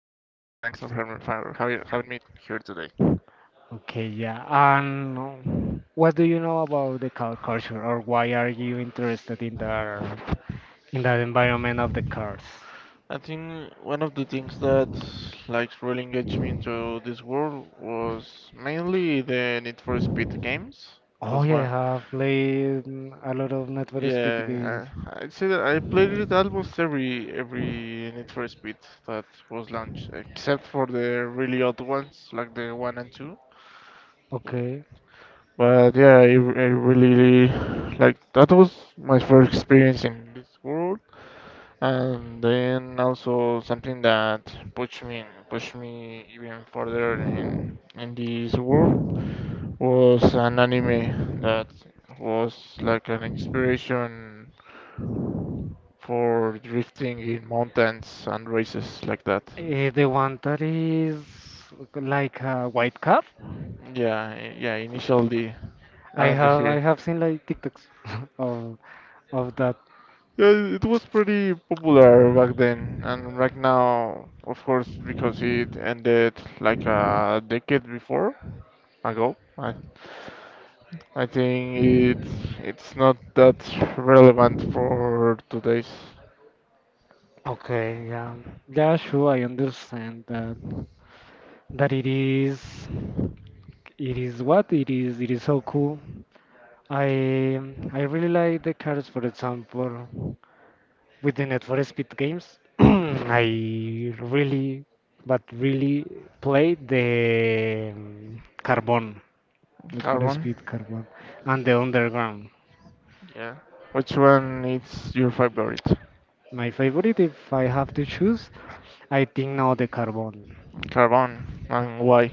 for having me here today. yeah. And what do you know about the car culture, or why are you interested in the environment of the cars? I think one of the things that like really engaged me into this world was mainly the Need for Speed games. Oh Was yeah, one, I have played a lot of Need for Speed games. yeah. I'd say that I played it almost every Need for Speed that was launched, except for the really odd ones like the one and two. Okay, But yeah, I really like that was my first experience in this world. And then also something that pushed me even further in this world was an anime that was like an inspiration for drifting in mountains and races like that. The one that is like a white car. Yeah, yeah, initially I and have I here. have seen like TikToks of Of that, Yeah, it was pretty popular back then, and right now, of course, because it ended like a decade before ago, I think it's not that relevant for today's. okay, yeah, yeah, sure, I understand that. That it is, it is what it is. It is so cool. I I really like the cars, for example, with the Need for Speed games. I really, but really played the Carbon, Need for Carbon. Speed Carbon, and the Underground. Yeah. Which one is your favorite? My favorite, if I have to choose, I think now the Carbon. Carbon. And why?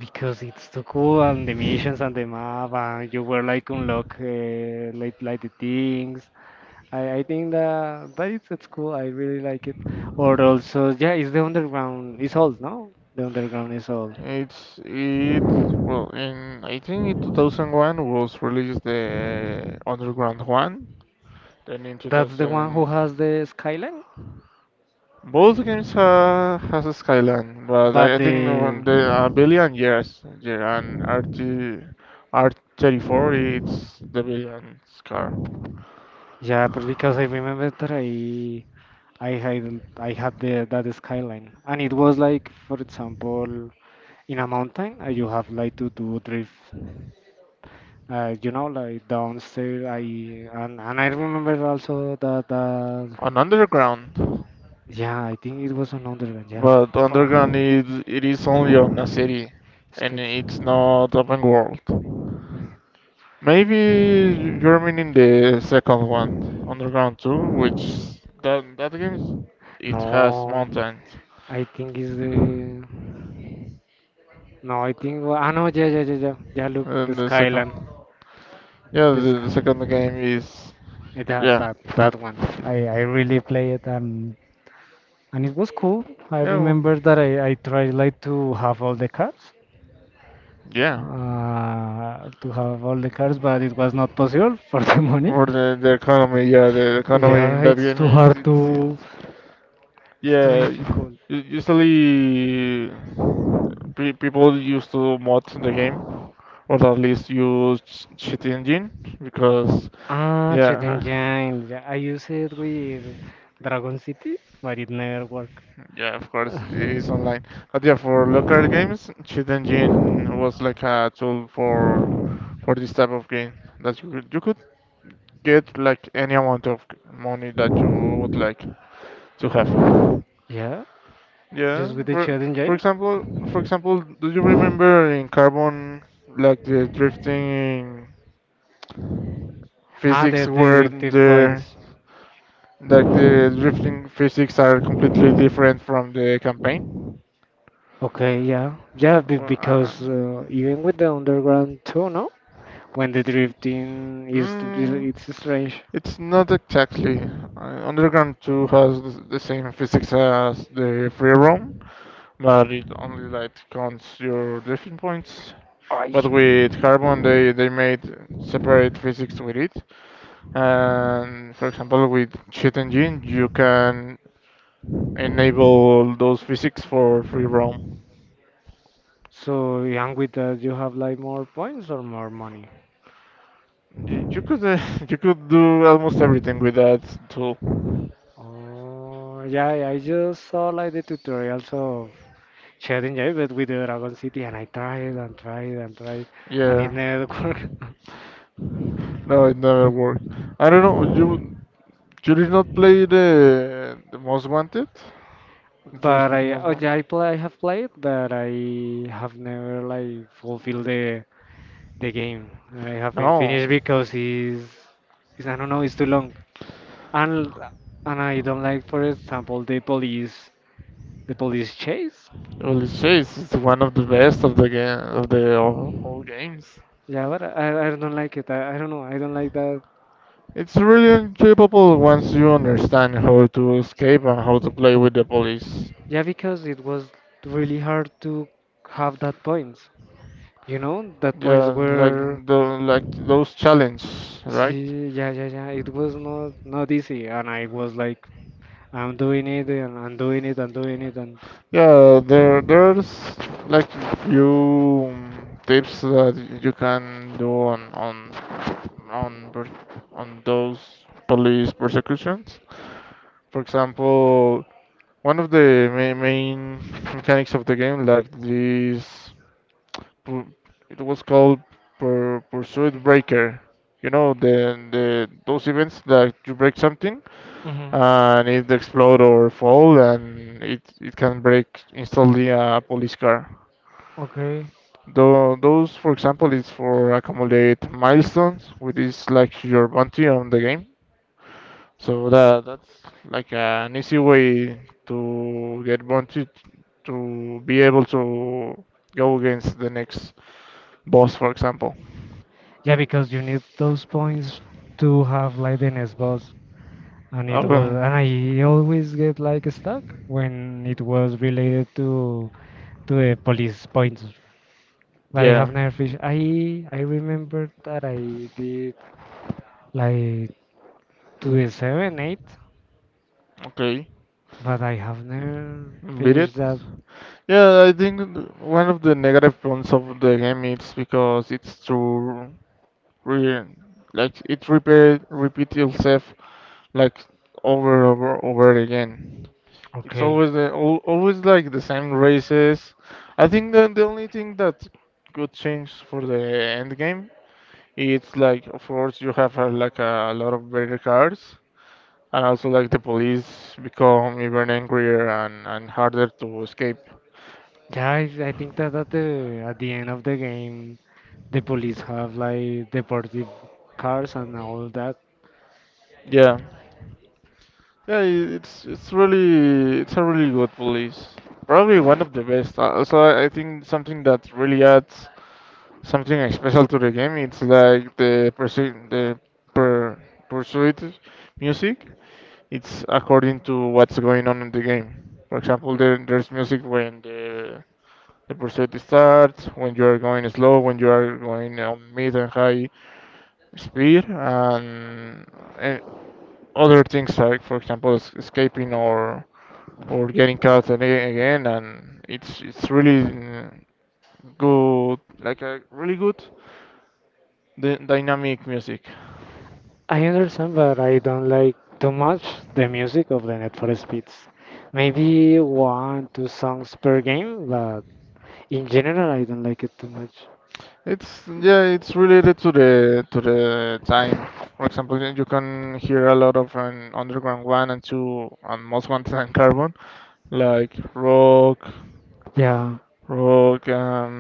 Because it's so cool and the missions and the map and you were like unlock like the things. I think that it's cool. I really like it. Or also yeah, it's the underground. It's old, no? The underground is old. It's it well, in I think in 2001 was released the Underground one. Then in That's the one who 2000. has the skyline. Both games has a skyline, but But I think the the one- the uh, billion, yes, yeah, and RT R34 it's the billion scar. yeah, but because I remember that I had the that skyline and it was like for example in a mountain you have like to do drift you know, like downstairs. I and I remember also that On Underground, yeah, I think it was another one. Yeah, but Underground wow, is it is only on a city, and Spitz. it's not open world. Maybe you're meaning the second one, Underground 2, which that game it has No, mountains. I think it's the no. I think wa- ah no, yeah, yeah, yeah, yeah. Yeah, look, the And the second. Skyline, Yeah, this the second game is that yeah, that that one. I really play it and it was cool. I yeah, remember that I tried like to have all the cards yeah. To have all the cars, but it was not possible for the money. For the economy, yeah, the economy in Yeah, that it's game, too it's hard it's, to. it's It's too yeah. u- difficult. Usually, people used to mod the game, or at least use cheat engine because Ah, Chat yeah. Engine. Yeah, I use it with Dragon City, but it never worked. Yeah. Of course, it is online. But yeah, for local games, cheat engine was like a tool for this type of game that you could get like any amount of money that you would like to have. Yeah, just with Yeah. the For Chat for Engine. example, for example, do you remember in Carbon like the drifting Ah, the physics where the the points. like the drifting physics are completely different from the campaign? Okay, yeah, yeah, Well, because even with the underground too, no? When the drifting is, mm, it's strange. it's not exactly. Underground 2 has the same physics as the free roam, but it only like counts your drifting points. I. But with Carbon, they made separate physics with it. And for example, with cheat engine, you can enable those physics for free roam. So, and with that, you have like more points or more money? You could you could do almost everything with that tool. Oh, yeah, I just saw like the tutorials of Shading J, but with the Dragon City, and I tried and tried and tried, and it Yeah. never worked. No, it never worked. I don't know. You did not play the Most Wanted, Need for But Speed I, Most oh Wanted. yeah, I play, I have played, but I have never like fulfilled the game, and I haven't No. finished because it's I don't know, it's too long. And and I don't like, for example, the police chase. Holy shit! It's one of the best of the game of the all games. Yeah, but I don't like it. I don't know. I don't like that. It's really enjoyable once you understand how to escape and how to play with the police. Yeah, because it was really hard to have that points. You know, that points Yeah, like were the like those challenges, right? Yeah, yeah, yeah. It was not not easy, and I was like, I'm doing it and I'm doing it and doing it and. Yeah, there's like few tips that you can do on per- on those police persecutions. For example, one of the main mechanics of the game, like pu- it was called Pursuit Breaker. You know, the those events that you break something Mhm. and it explode or fall and it can break instantly a police car. Okay. Though those, for example, is for accumulate milestones, which is like your bounty on the game. So that's like an easy way to get bounty to be able to go against the next boss, for example. Yeah, because you need those points to have like the next boss. And it Oh, was well, and I always get like stuck when it was related to the police points. But I yeah. have never fish. I remember that I did like to the 7-8, Okay. but I have never Beat it. finished that. Yeah, I think one of the negative points of the game is because it's too re like it repeat itself like over again. It's Okay. always the, al always like the same races. I think that the only thing that could change for the end game it's like of course you have like a lot of better cars and also like the police become even angrier and harder to escape. Yeah, I think that at the end of the game, the police have like deportive cars and all that. Yeah, yeah, it's a really good police. Probably one of the best. Also, I think something that really adds something special to the game. It's like the pursuit the per pursuit music. It's according to what's going on in the game. For example, there's music when the pursuit starts when you are going slow, when you are going on mid and high speed, and, other things like, for example, escaping or getting caught and again. And it's really good, like a really good dynamic music. I understand, but I don't like too much the music of the Need for Speeds. Maybe one, two songs per game, but in general, I don't like it too much. It's yeah, it's related to the time. For example, then you can hear a lot of an Underground one and two and Most Wanted and Carbon, like rock, Yeah, rock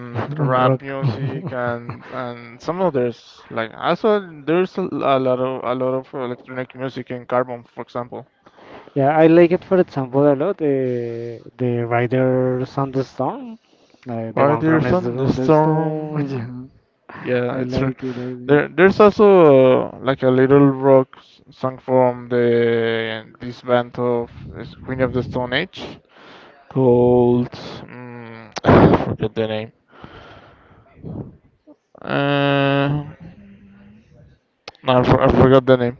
and rap rock. music and and some others. Like also there's a lot of electronic music in Carbon, for example. Yeah, I like it, for example, a lot. The Riders on the Storm, the one from Riders the on the Stone. The Stone. Storm. Yeah. Yeah, I it's true. like it. I like. There's also like a little rock song from the this band of is Queen of the Stone Age called I forget the name. Uh, no, I forgot the name.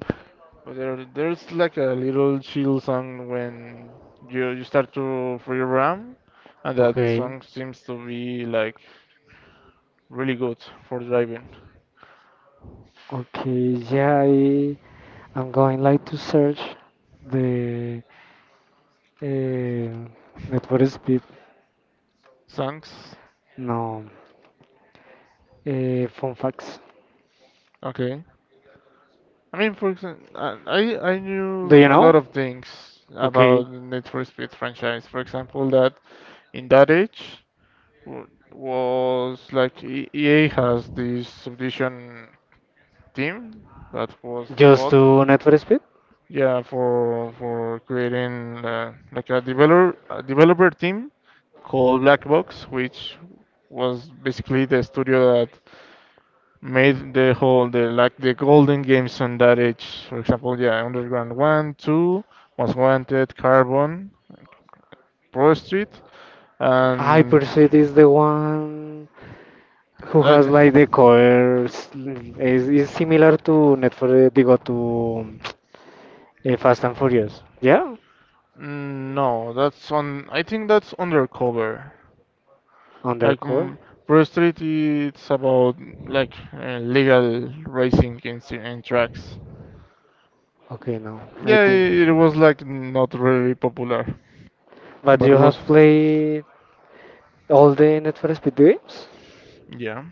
But there's like a little chill song when you start to free ram, and that Okay, song seems to be like really good for driving. okay, yeah, I'm going like to search the Need for Speed. Songs, No, fun facts. okay. I mean, for example, I Do knew you a lot know? of things Okay, about the Need for Speed franchise. For example, that in that age w- was like EA has this subdivision team that was just to bought, Need for Speed. yeah, for creating like a developer team called Black Box, which was basically the studio that made the whole the like the golden games on that age. For example, yeah, Underground One, Two, Most Wanted, Carbon, Pro Street, I and perceive is the one. Who like has like the colors is similar to Net for the digo to Fast and Furious. Yeah, no, that's on. I think that's Undercover. Like undercover. Pro Street, it's about like legal racing in tracks. Okay, no, I Yeah, think. it was like not really popular, But but you have was played all the Net for Speed games, yeah.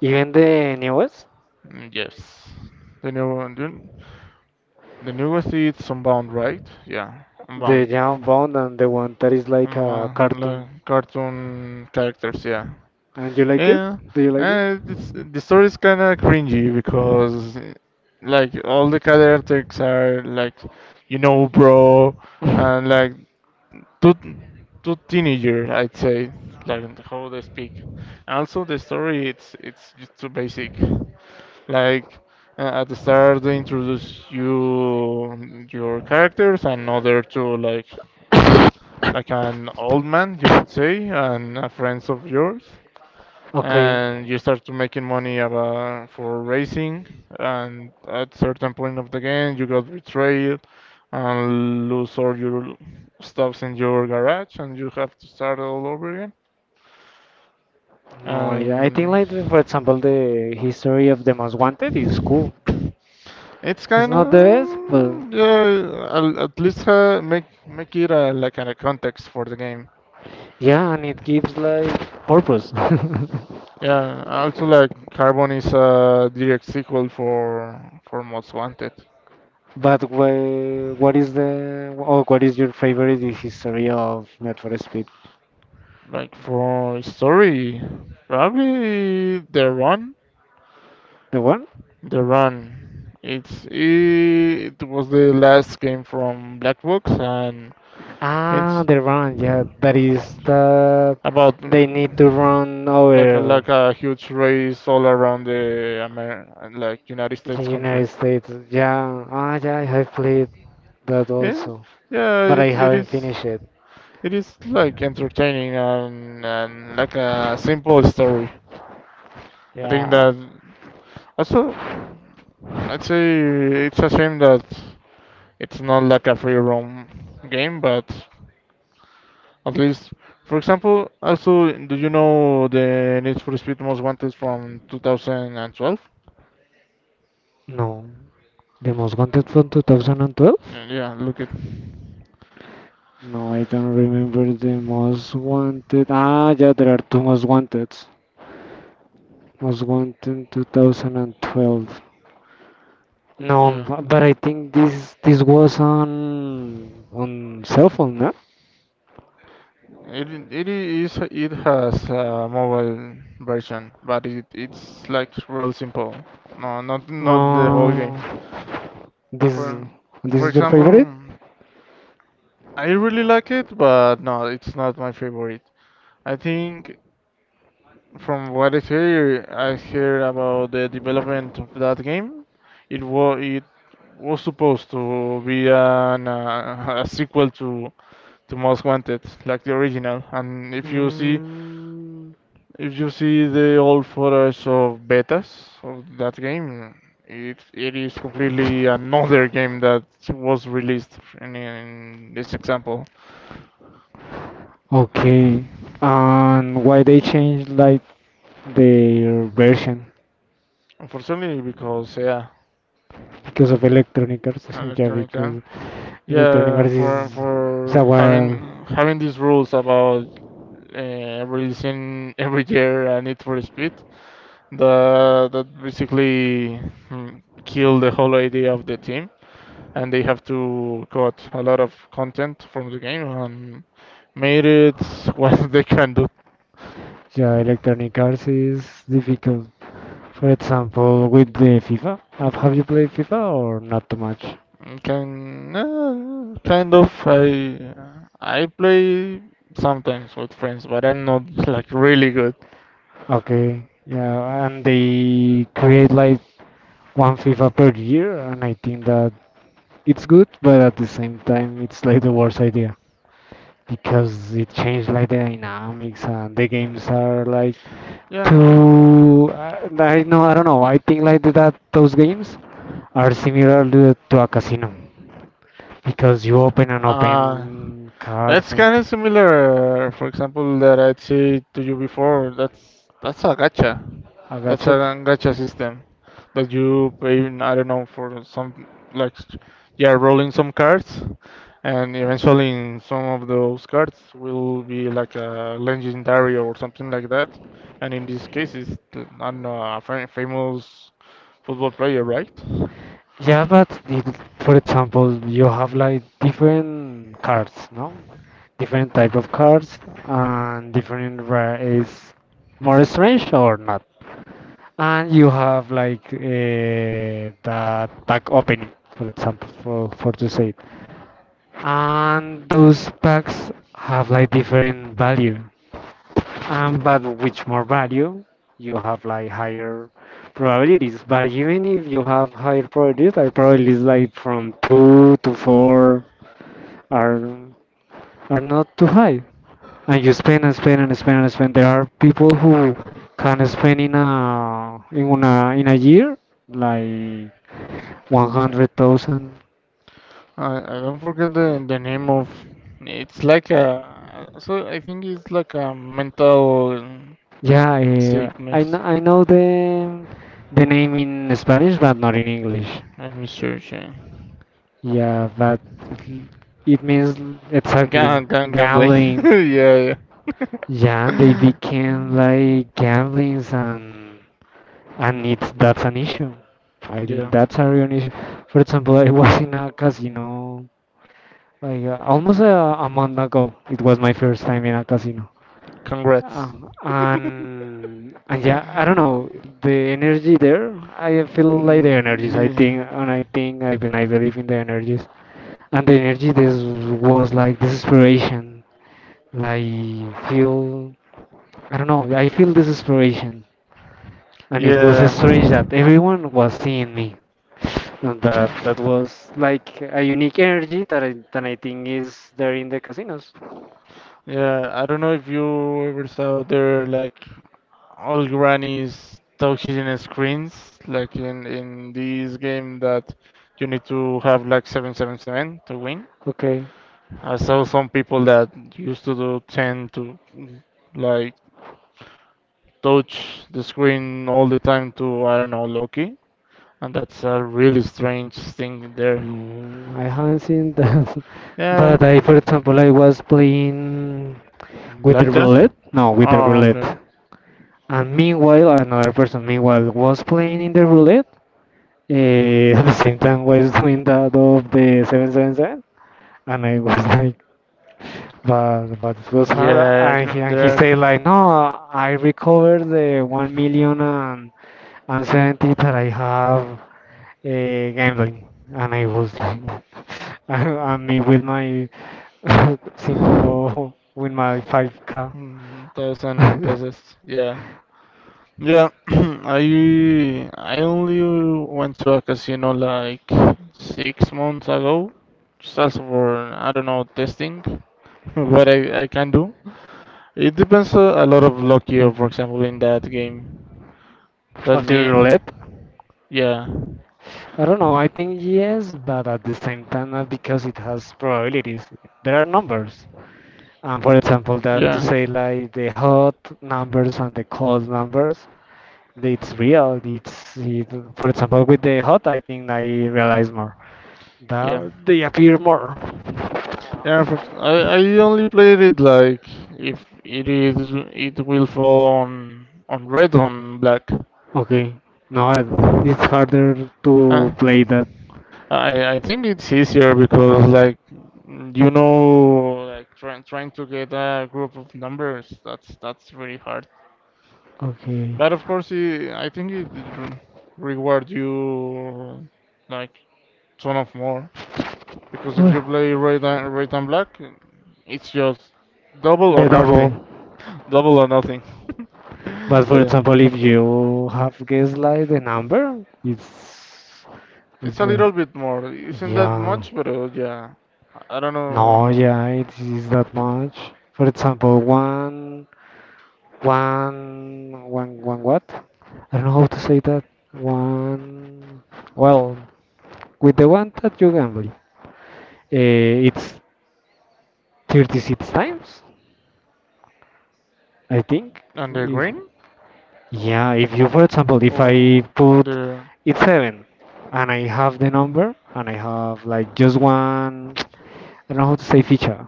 even the newest, Mm, yes. The new one. The newest is Unbound, right? Yeah, the Unbound. Jump Bond and the one that is like a Unbound. cartoon. Like cartoon characters, yeah. And you like it? Yeah, Do you like it? and it's, the story is kind of cringy because, like, all the characters are like, bro, and like two two teenager, I'd say, like how they speak. And also, the story it's just too basic. Like at the start, they introduce you your characters, and other to like an old man, you could say, and a friends of yours, Okay. and you start to making money for racing. And at certain point of the game, you got betrayed and lose all your stuffs in your garage, and you have to start all over again. No, yeah, I think And. like for example the history of the Most Wanted is cool. It's It's kind not the best, but of yeah. I'll at least make it like a context for the game. yeah, and it gives like purpose. Yeah. Also, like Carbon is a direct sequel for Most Wanted. But what is the or what is your favorite in history of Need for Speed? Like for story, probably The Run. The one? The Run. It was the last game from Black Box, and Ah, it's the run. Yeah, that is that about they need to run like a, over like a huge race all around the like United the States country. United States. Yeah. Ah, yeah. I have played that Yeah, also, yeah, but I it haven't is. finished it. It is like entertaining and like a simple story. I think Yeah. that also I'd say it's a shame that it's not like a free roam game, but at least for example, also do you know the Need for Speed Most Wanted from 2012? No. The most wanted from 2012? Yeah, yeah, look it. No, I don't remember the most wanted. Ah, yeah, there are two most wanted. Was went in 2012. No, Yeah, but I think this this was on cell phone, no? It has a mobile version, but it's like real simple. No, not the whole game. Uh, this For this for is your favorite? example, I really like it, but no, it's not my favorite. I think from what I hear about the development of that game. It was supposed to be an a sequel to the Most Wanted, like the original. And if you see Mm, if you see the old footage of betas of that game, it is completely another game that was released in this example. okay. And why they changed like their version? Unfortunately, because yeah, Because of Electronic Arts? Yeah, Electronic Jam. because Electronic Yeah, Arts for is a for having these rules about releasing every year a Need for Speed, that basically kill the whole idea of the team, and they have to cut a lot of content from the game and made it what they can do. yeah, Electronic Arts is difficult. For example, with the FIFA, have you played FIFA or not too much? Can kind of I play sometimes with friends, but I'm not like really good. Okay, yeah, and they create like one FIFA per year, and I think that it's good, but at the same time, it's like the worst idea because it changed like the dynamics and the games are like Yeah. too. I know, I don't know. I think like that those games are similar to a casino because you open and Uh open cards that's and. kind of similar. For example, that I said to you before. That's a gacha. I got That's a you. gacha system that you pay, I don't know, for some, like, you are rolling some cards, and eventually in some of those cards will be like a legendary or something like that. And in this case, it's, I don't know, a famous football player, right? Yeah, but if, for example, you have like different cards, no? Different type of cards and different rare is more strange or not. And you have like the pack opening, for example, for to say. It. And those packs have like different value. But with more value, you have like higher probabilities. But even if you have higher probabilities like from two to four are are not too high. And you spend and spend and spend and spend. There are people who can spend in a in a year like 100,000. I don't forget the name of, it's like a, so I think it's like a mental Yeah, sickness. I know the name in Spanish, but not in English. Let me search. Yeah. Yeah, but it means exactly Gambling. gambling. Yeah, Yeah, they yeah. became like gambling and it's that's an issue. I think Yeah, that's a real issue. For example, I was in a casino like almost a month ago. It was my first time in a casino. congrats. Uh, and yeah, I don't know the energy there. I feel like the Mm, energies. I think and I think I believe in the energies. And the energy this was like desperation like feel. I don't know, I feel this desperation and it was yeah. strange Yeah. that everyone was seeing me and that that was like a unique energy that I think is there in the casinos. Yeah, I don't know if you ever saw there like old grannies touching screens like in this game that you need to have like 777 to win. Okay. I saw some people that used to do 10 to like touch the screen all the time to I don't know Loki, and that's a really strange thing there. I haven't seen that. Yeah, But I, for example, I was playing with the blackjack. roulette. No, with the Oh, roulette. okay. And meanwhile, another person meanwhile was playing in the roulette, at the same time was doing that of the 777 and I was like but it was hard and he There are. said like no I recovered the 1 million and 70 that I have gambling and I was like I mean with my cinco with my 5k Thousand pesos. Yeah, yeah. I only went to a casino like 6 months ago, just as for I don't know testing what I can do. It depends a lot of luck here, for example, in that game. That of the yeah, roulette. yeah, I don't know. I think yes, but at the same time, not because it has probabilities. There are numbers. And for example, that to yeah, say like the hot numbers and the cold numbers, it's real. For example with the hot, I think I realize more yeah. that they appear more. I only played it like if it is it will fall on red on black. Okay, no, Uh, it's harder to play that. I think it's easier because like you know like trying to get a group of numbers that's really hard. Okay, But of course it, I think it re- reward you like ton of more. Because if you oh, play red and black, it's just double or the double. nothing. Double or nothing. But So, for yeah. example, if you have guessed like the number, it's It's a like little bit more. Isn't that yeah. much, but yeah. I don't know. No, yeah, it is that much. For example, one, one what? I don't know how to say that. One, well, with the one that you gamble, it's 36 times, I think. On the If, green? yeah, if you, for example, if I Or on put the it seven and I have the number and I have like just one, I don't know how to say feature.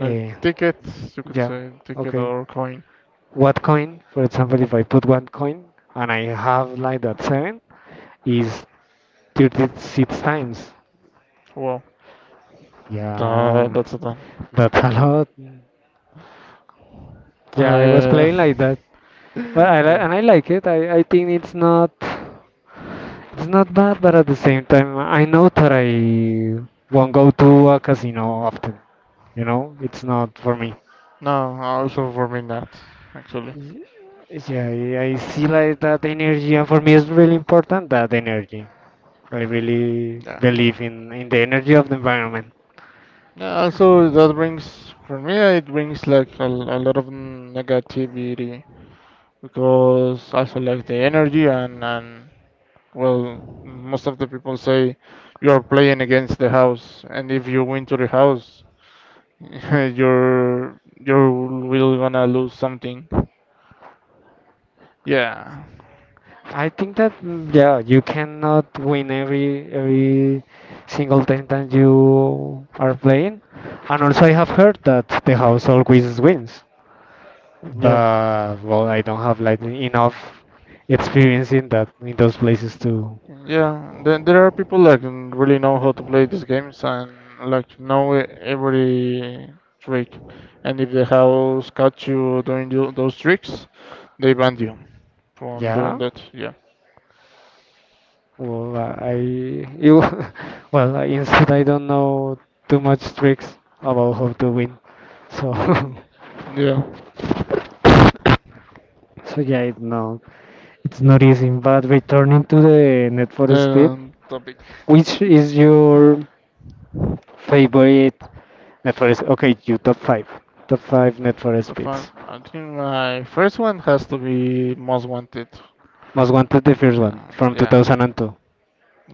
like Uh, tickets, you could yeah, say ticket okay. or coin. What coin, for example, if I put one coin and I have like that seven, is 36 times. Wow. Yeah, That's a done. that's a lot. Yeah, I was Uh, playing like that, but yeah. and I like it. I think it's not bad, but at the same time, I know that I won't go to a casino often. You know, it's not for me. No, also for me not, actually. Y- Yeah, I see like that energy, and for me, it's really important that energy. I really Yeah. believe in the energy of the environment. Yeah, also that brings for me it brings like a lot of negativity because also like the energy and well most of the people say you are playing against the house, and if you win to the house you're will gonna lose something, yeah, I think that yeah, you cannot win every single time that you are playing. And also I have heard that the house always wins. yeah. But well I don't have like enough experience in that in those places to Yeah, there are people that can really know how to play these games and like know every trick. And if the house catch you doing those tricks, they ban you from doing yeah. that. Yeah. Well I you well instead I don't know too much tricks about how to win. So Yeah. So yeah, it, no, it's not easy. But returning to the Need for Speed, The topic. which is your favorite Need for Speed? Okay, you top five Need for The fun. Speeds. I think my first one has to be Most Wanted. Most wanted the first one Yeah, from yeah. 2002.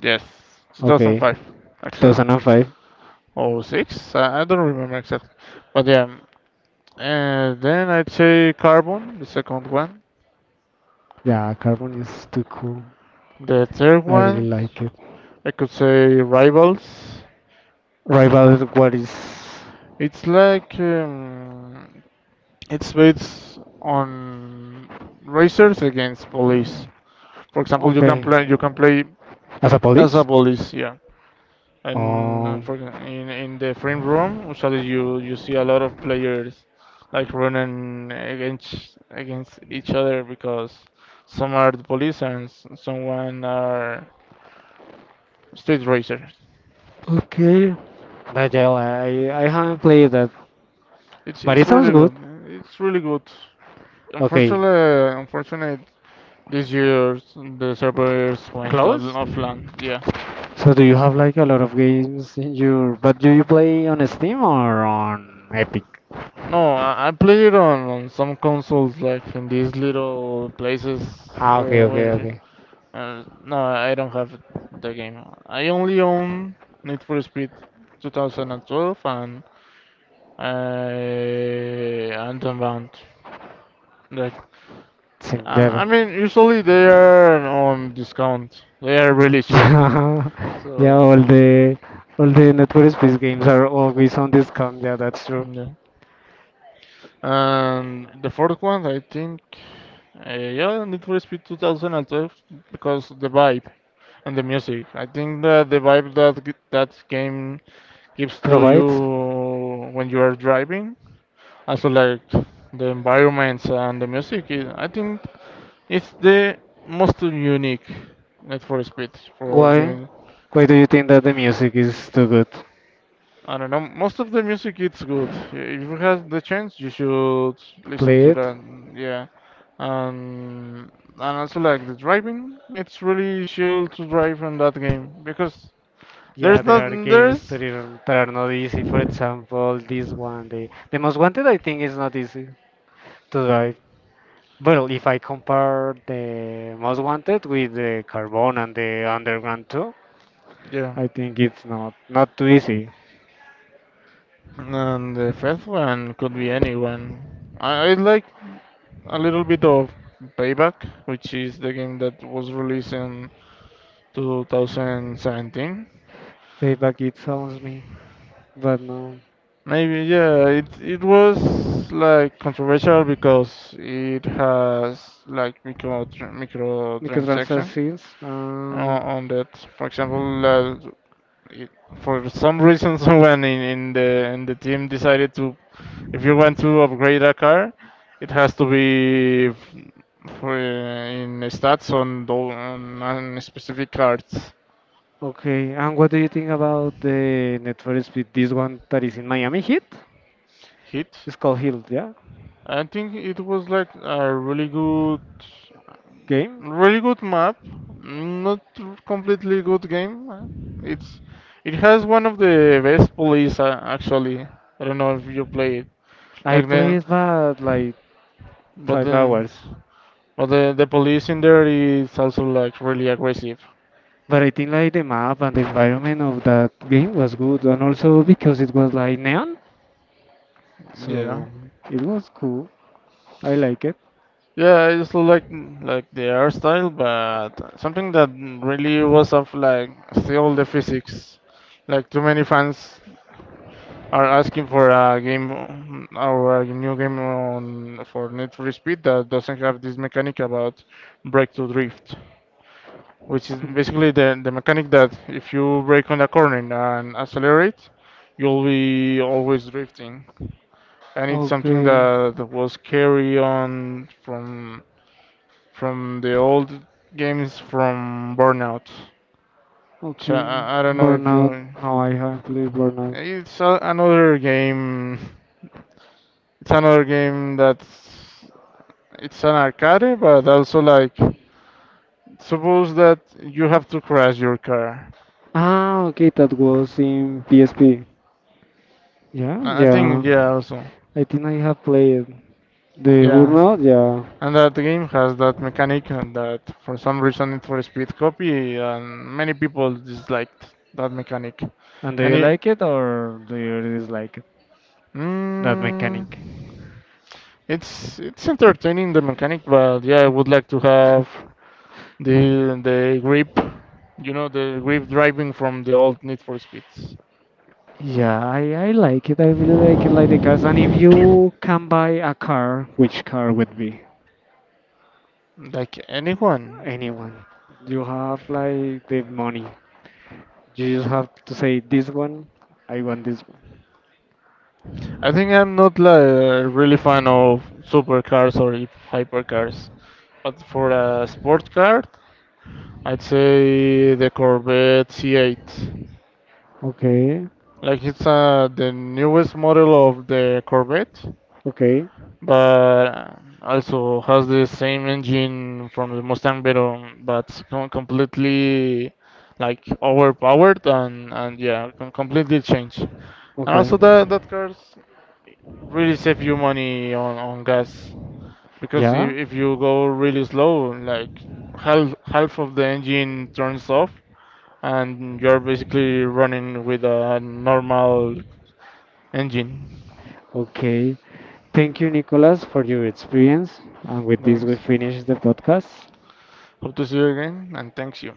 Yes. Okay, 2005, actually. 2005. Or 6? I don't remember exactly. But yeah. And then I'd say Carbon, the second one. Yeah, Carbon is too cool. The third I really one, like it. I could say Rivals. Rival, what is? It's like it's based on racers against police. For example, Okay, you can play as a as a police. police, yeah. And Um. for, in the frame room, usually you see a lot of players like running against each other because some are the police and someone are Street Racer. Okay. Nigel, I haven't played that, It's but it's it sounds really good. good. It's really good. Okay. Unfortunate this year the servers went Close. offline. Yeah. So do you have like a lot of games in your but do you play on Steam or on Epic? No, I play it on some consoles like in these little places Ah okay where okay where. okay. No, I don't have the game. I only own Need for Speed 2012 and Unbound. Like I Yeah. mean, usually they are on discount. They are really cheap. yeah, Yeah, So, all the Need for games are always on discount, yeah that's true. yeah. And the fourth one, I think, yeah, Need for Speed 2012 because the vibe and the music. I think that the vibe that that game gives to you Provide when you are driving, also like the environments and the music. I think it's the most unique Need for Speed for Why? giving Why do you think that the music is too good? I don't know. Most of the music it's good. Yeah, if you have the chance, you should listen Play to it? that. Yeah, and and also like the driving, it's really chill to drive on that game because Yeah, there's there not are games there's that are not easy. For example, this one, the most wanted, I think, is not easy to drive. Well, if I compare the Most Wanted with the Carbon and the Underground 2, Yeah. I think it's not not too easy. And the fifth one could be anyone. I like a little bit of Payback, which is the game that was released in 2017. Payback it sounds me, but no. Maybe, yeah, it was like controversial because it has like micro transaction Microtransactions. On that. For example, it, for some reason, someone in the team decided to, if you want to upgrade a car, it has to be f- for in stats on the on specific cards Okay, and what do you think about the Need for Speed? This one that is in Miami Heat? hit. It's called Heat, yeah? I think it was like a really good. Game? Really good map, not completely good game. It's it has one of the best police actually. I don't know if you play it I like the played about like but five then hours. but the police in there is also like really aggressive. But I think like the map and the environment of that game was good, and also because it was like neon, Yeah. so it was cool. I like it. Yeah, I just like the art style, but something that really was of like still the physics. Like too many fans are asking for a game or a new game on for Need for Speed that doesn't have this mechanic about brake to drift, which is basically the mechanic that if you brake on a corner and accelerate, you'll be always drifting, and it's something Okay, that was carry on from the old games from Burnout. So okay. I don't know if Burnout. you. Now I have played Burnout. It's a, another game. It's another game that's it's an arcade, but also like suppose that you have to crash your car. Ah, okay, that was in PSP. Yeah. I Yeah, think yeah, also I think I have played the yeah, Burnout. Yeah. and that game has that mechanic and that for some reason it for Speed copy and many people disliked that mechanic, And do and you it like it or do you dislike it? That mm, mechanic. it's entertaining the mechanic, but yeah, I would like to have the grip, you know, the grip driving from the old Need for Speeds. Yeah, I like it. I really like it, like the cars. And if you can buy a car, which car would be? Like anyone. Anyone. You have like the money. You just have to say this one, I want this one. I think I'm not like really fan of supercars or hypercars, but for a sport car, I'd say the Corvette C8. Okay, Like it's the newest model of the Corvette, okay, but also has the same engine from the Mustang Veyron, but completely like overpowered and yeah, completely changed. And okay. also that cars really save you money on gas. Because Yeah, if you go really slow, like half of the engine turns off, and you're basically running with a normal engine. okay. Thank you, Nicolas, for your experience. And with this, we Thanks. finish the podcast. Hope to see you again, and thanks you.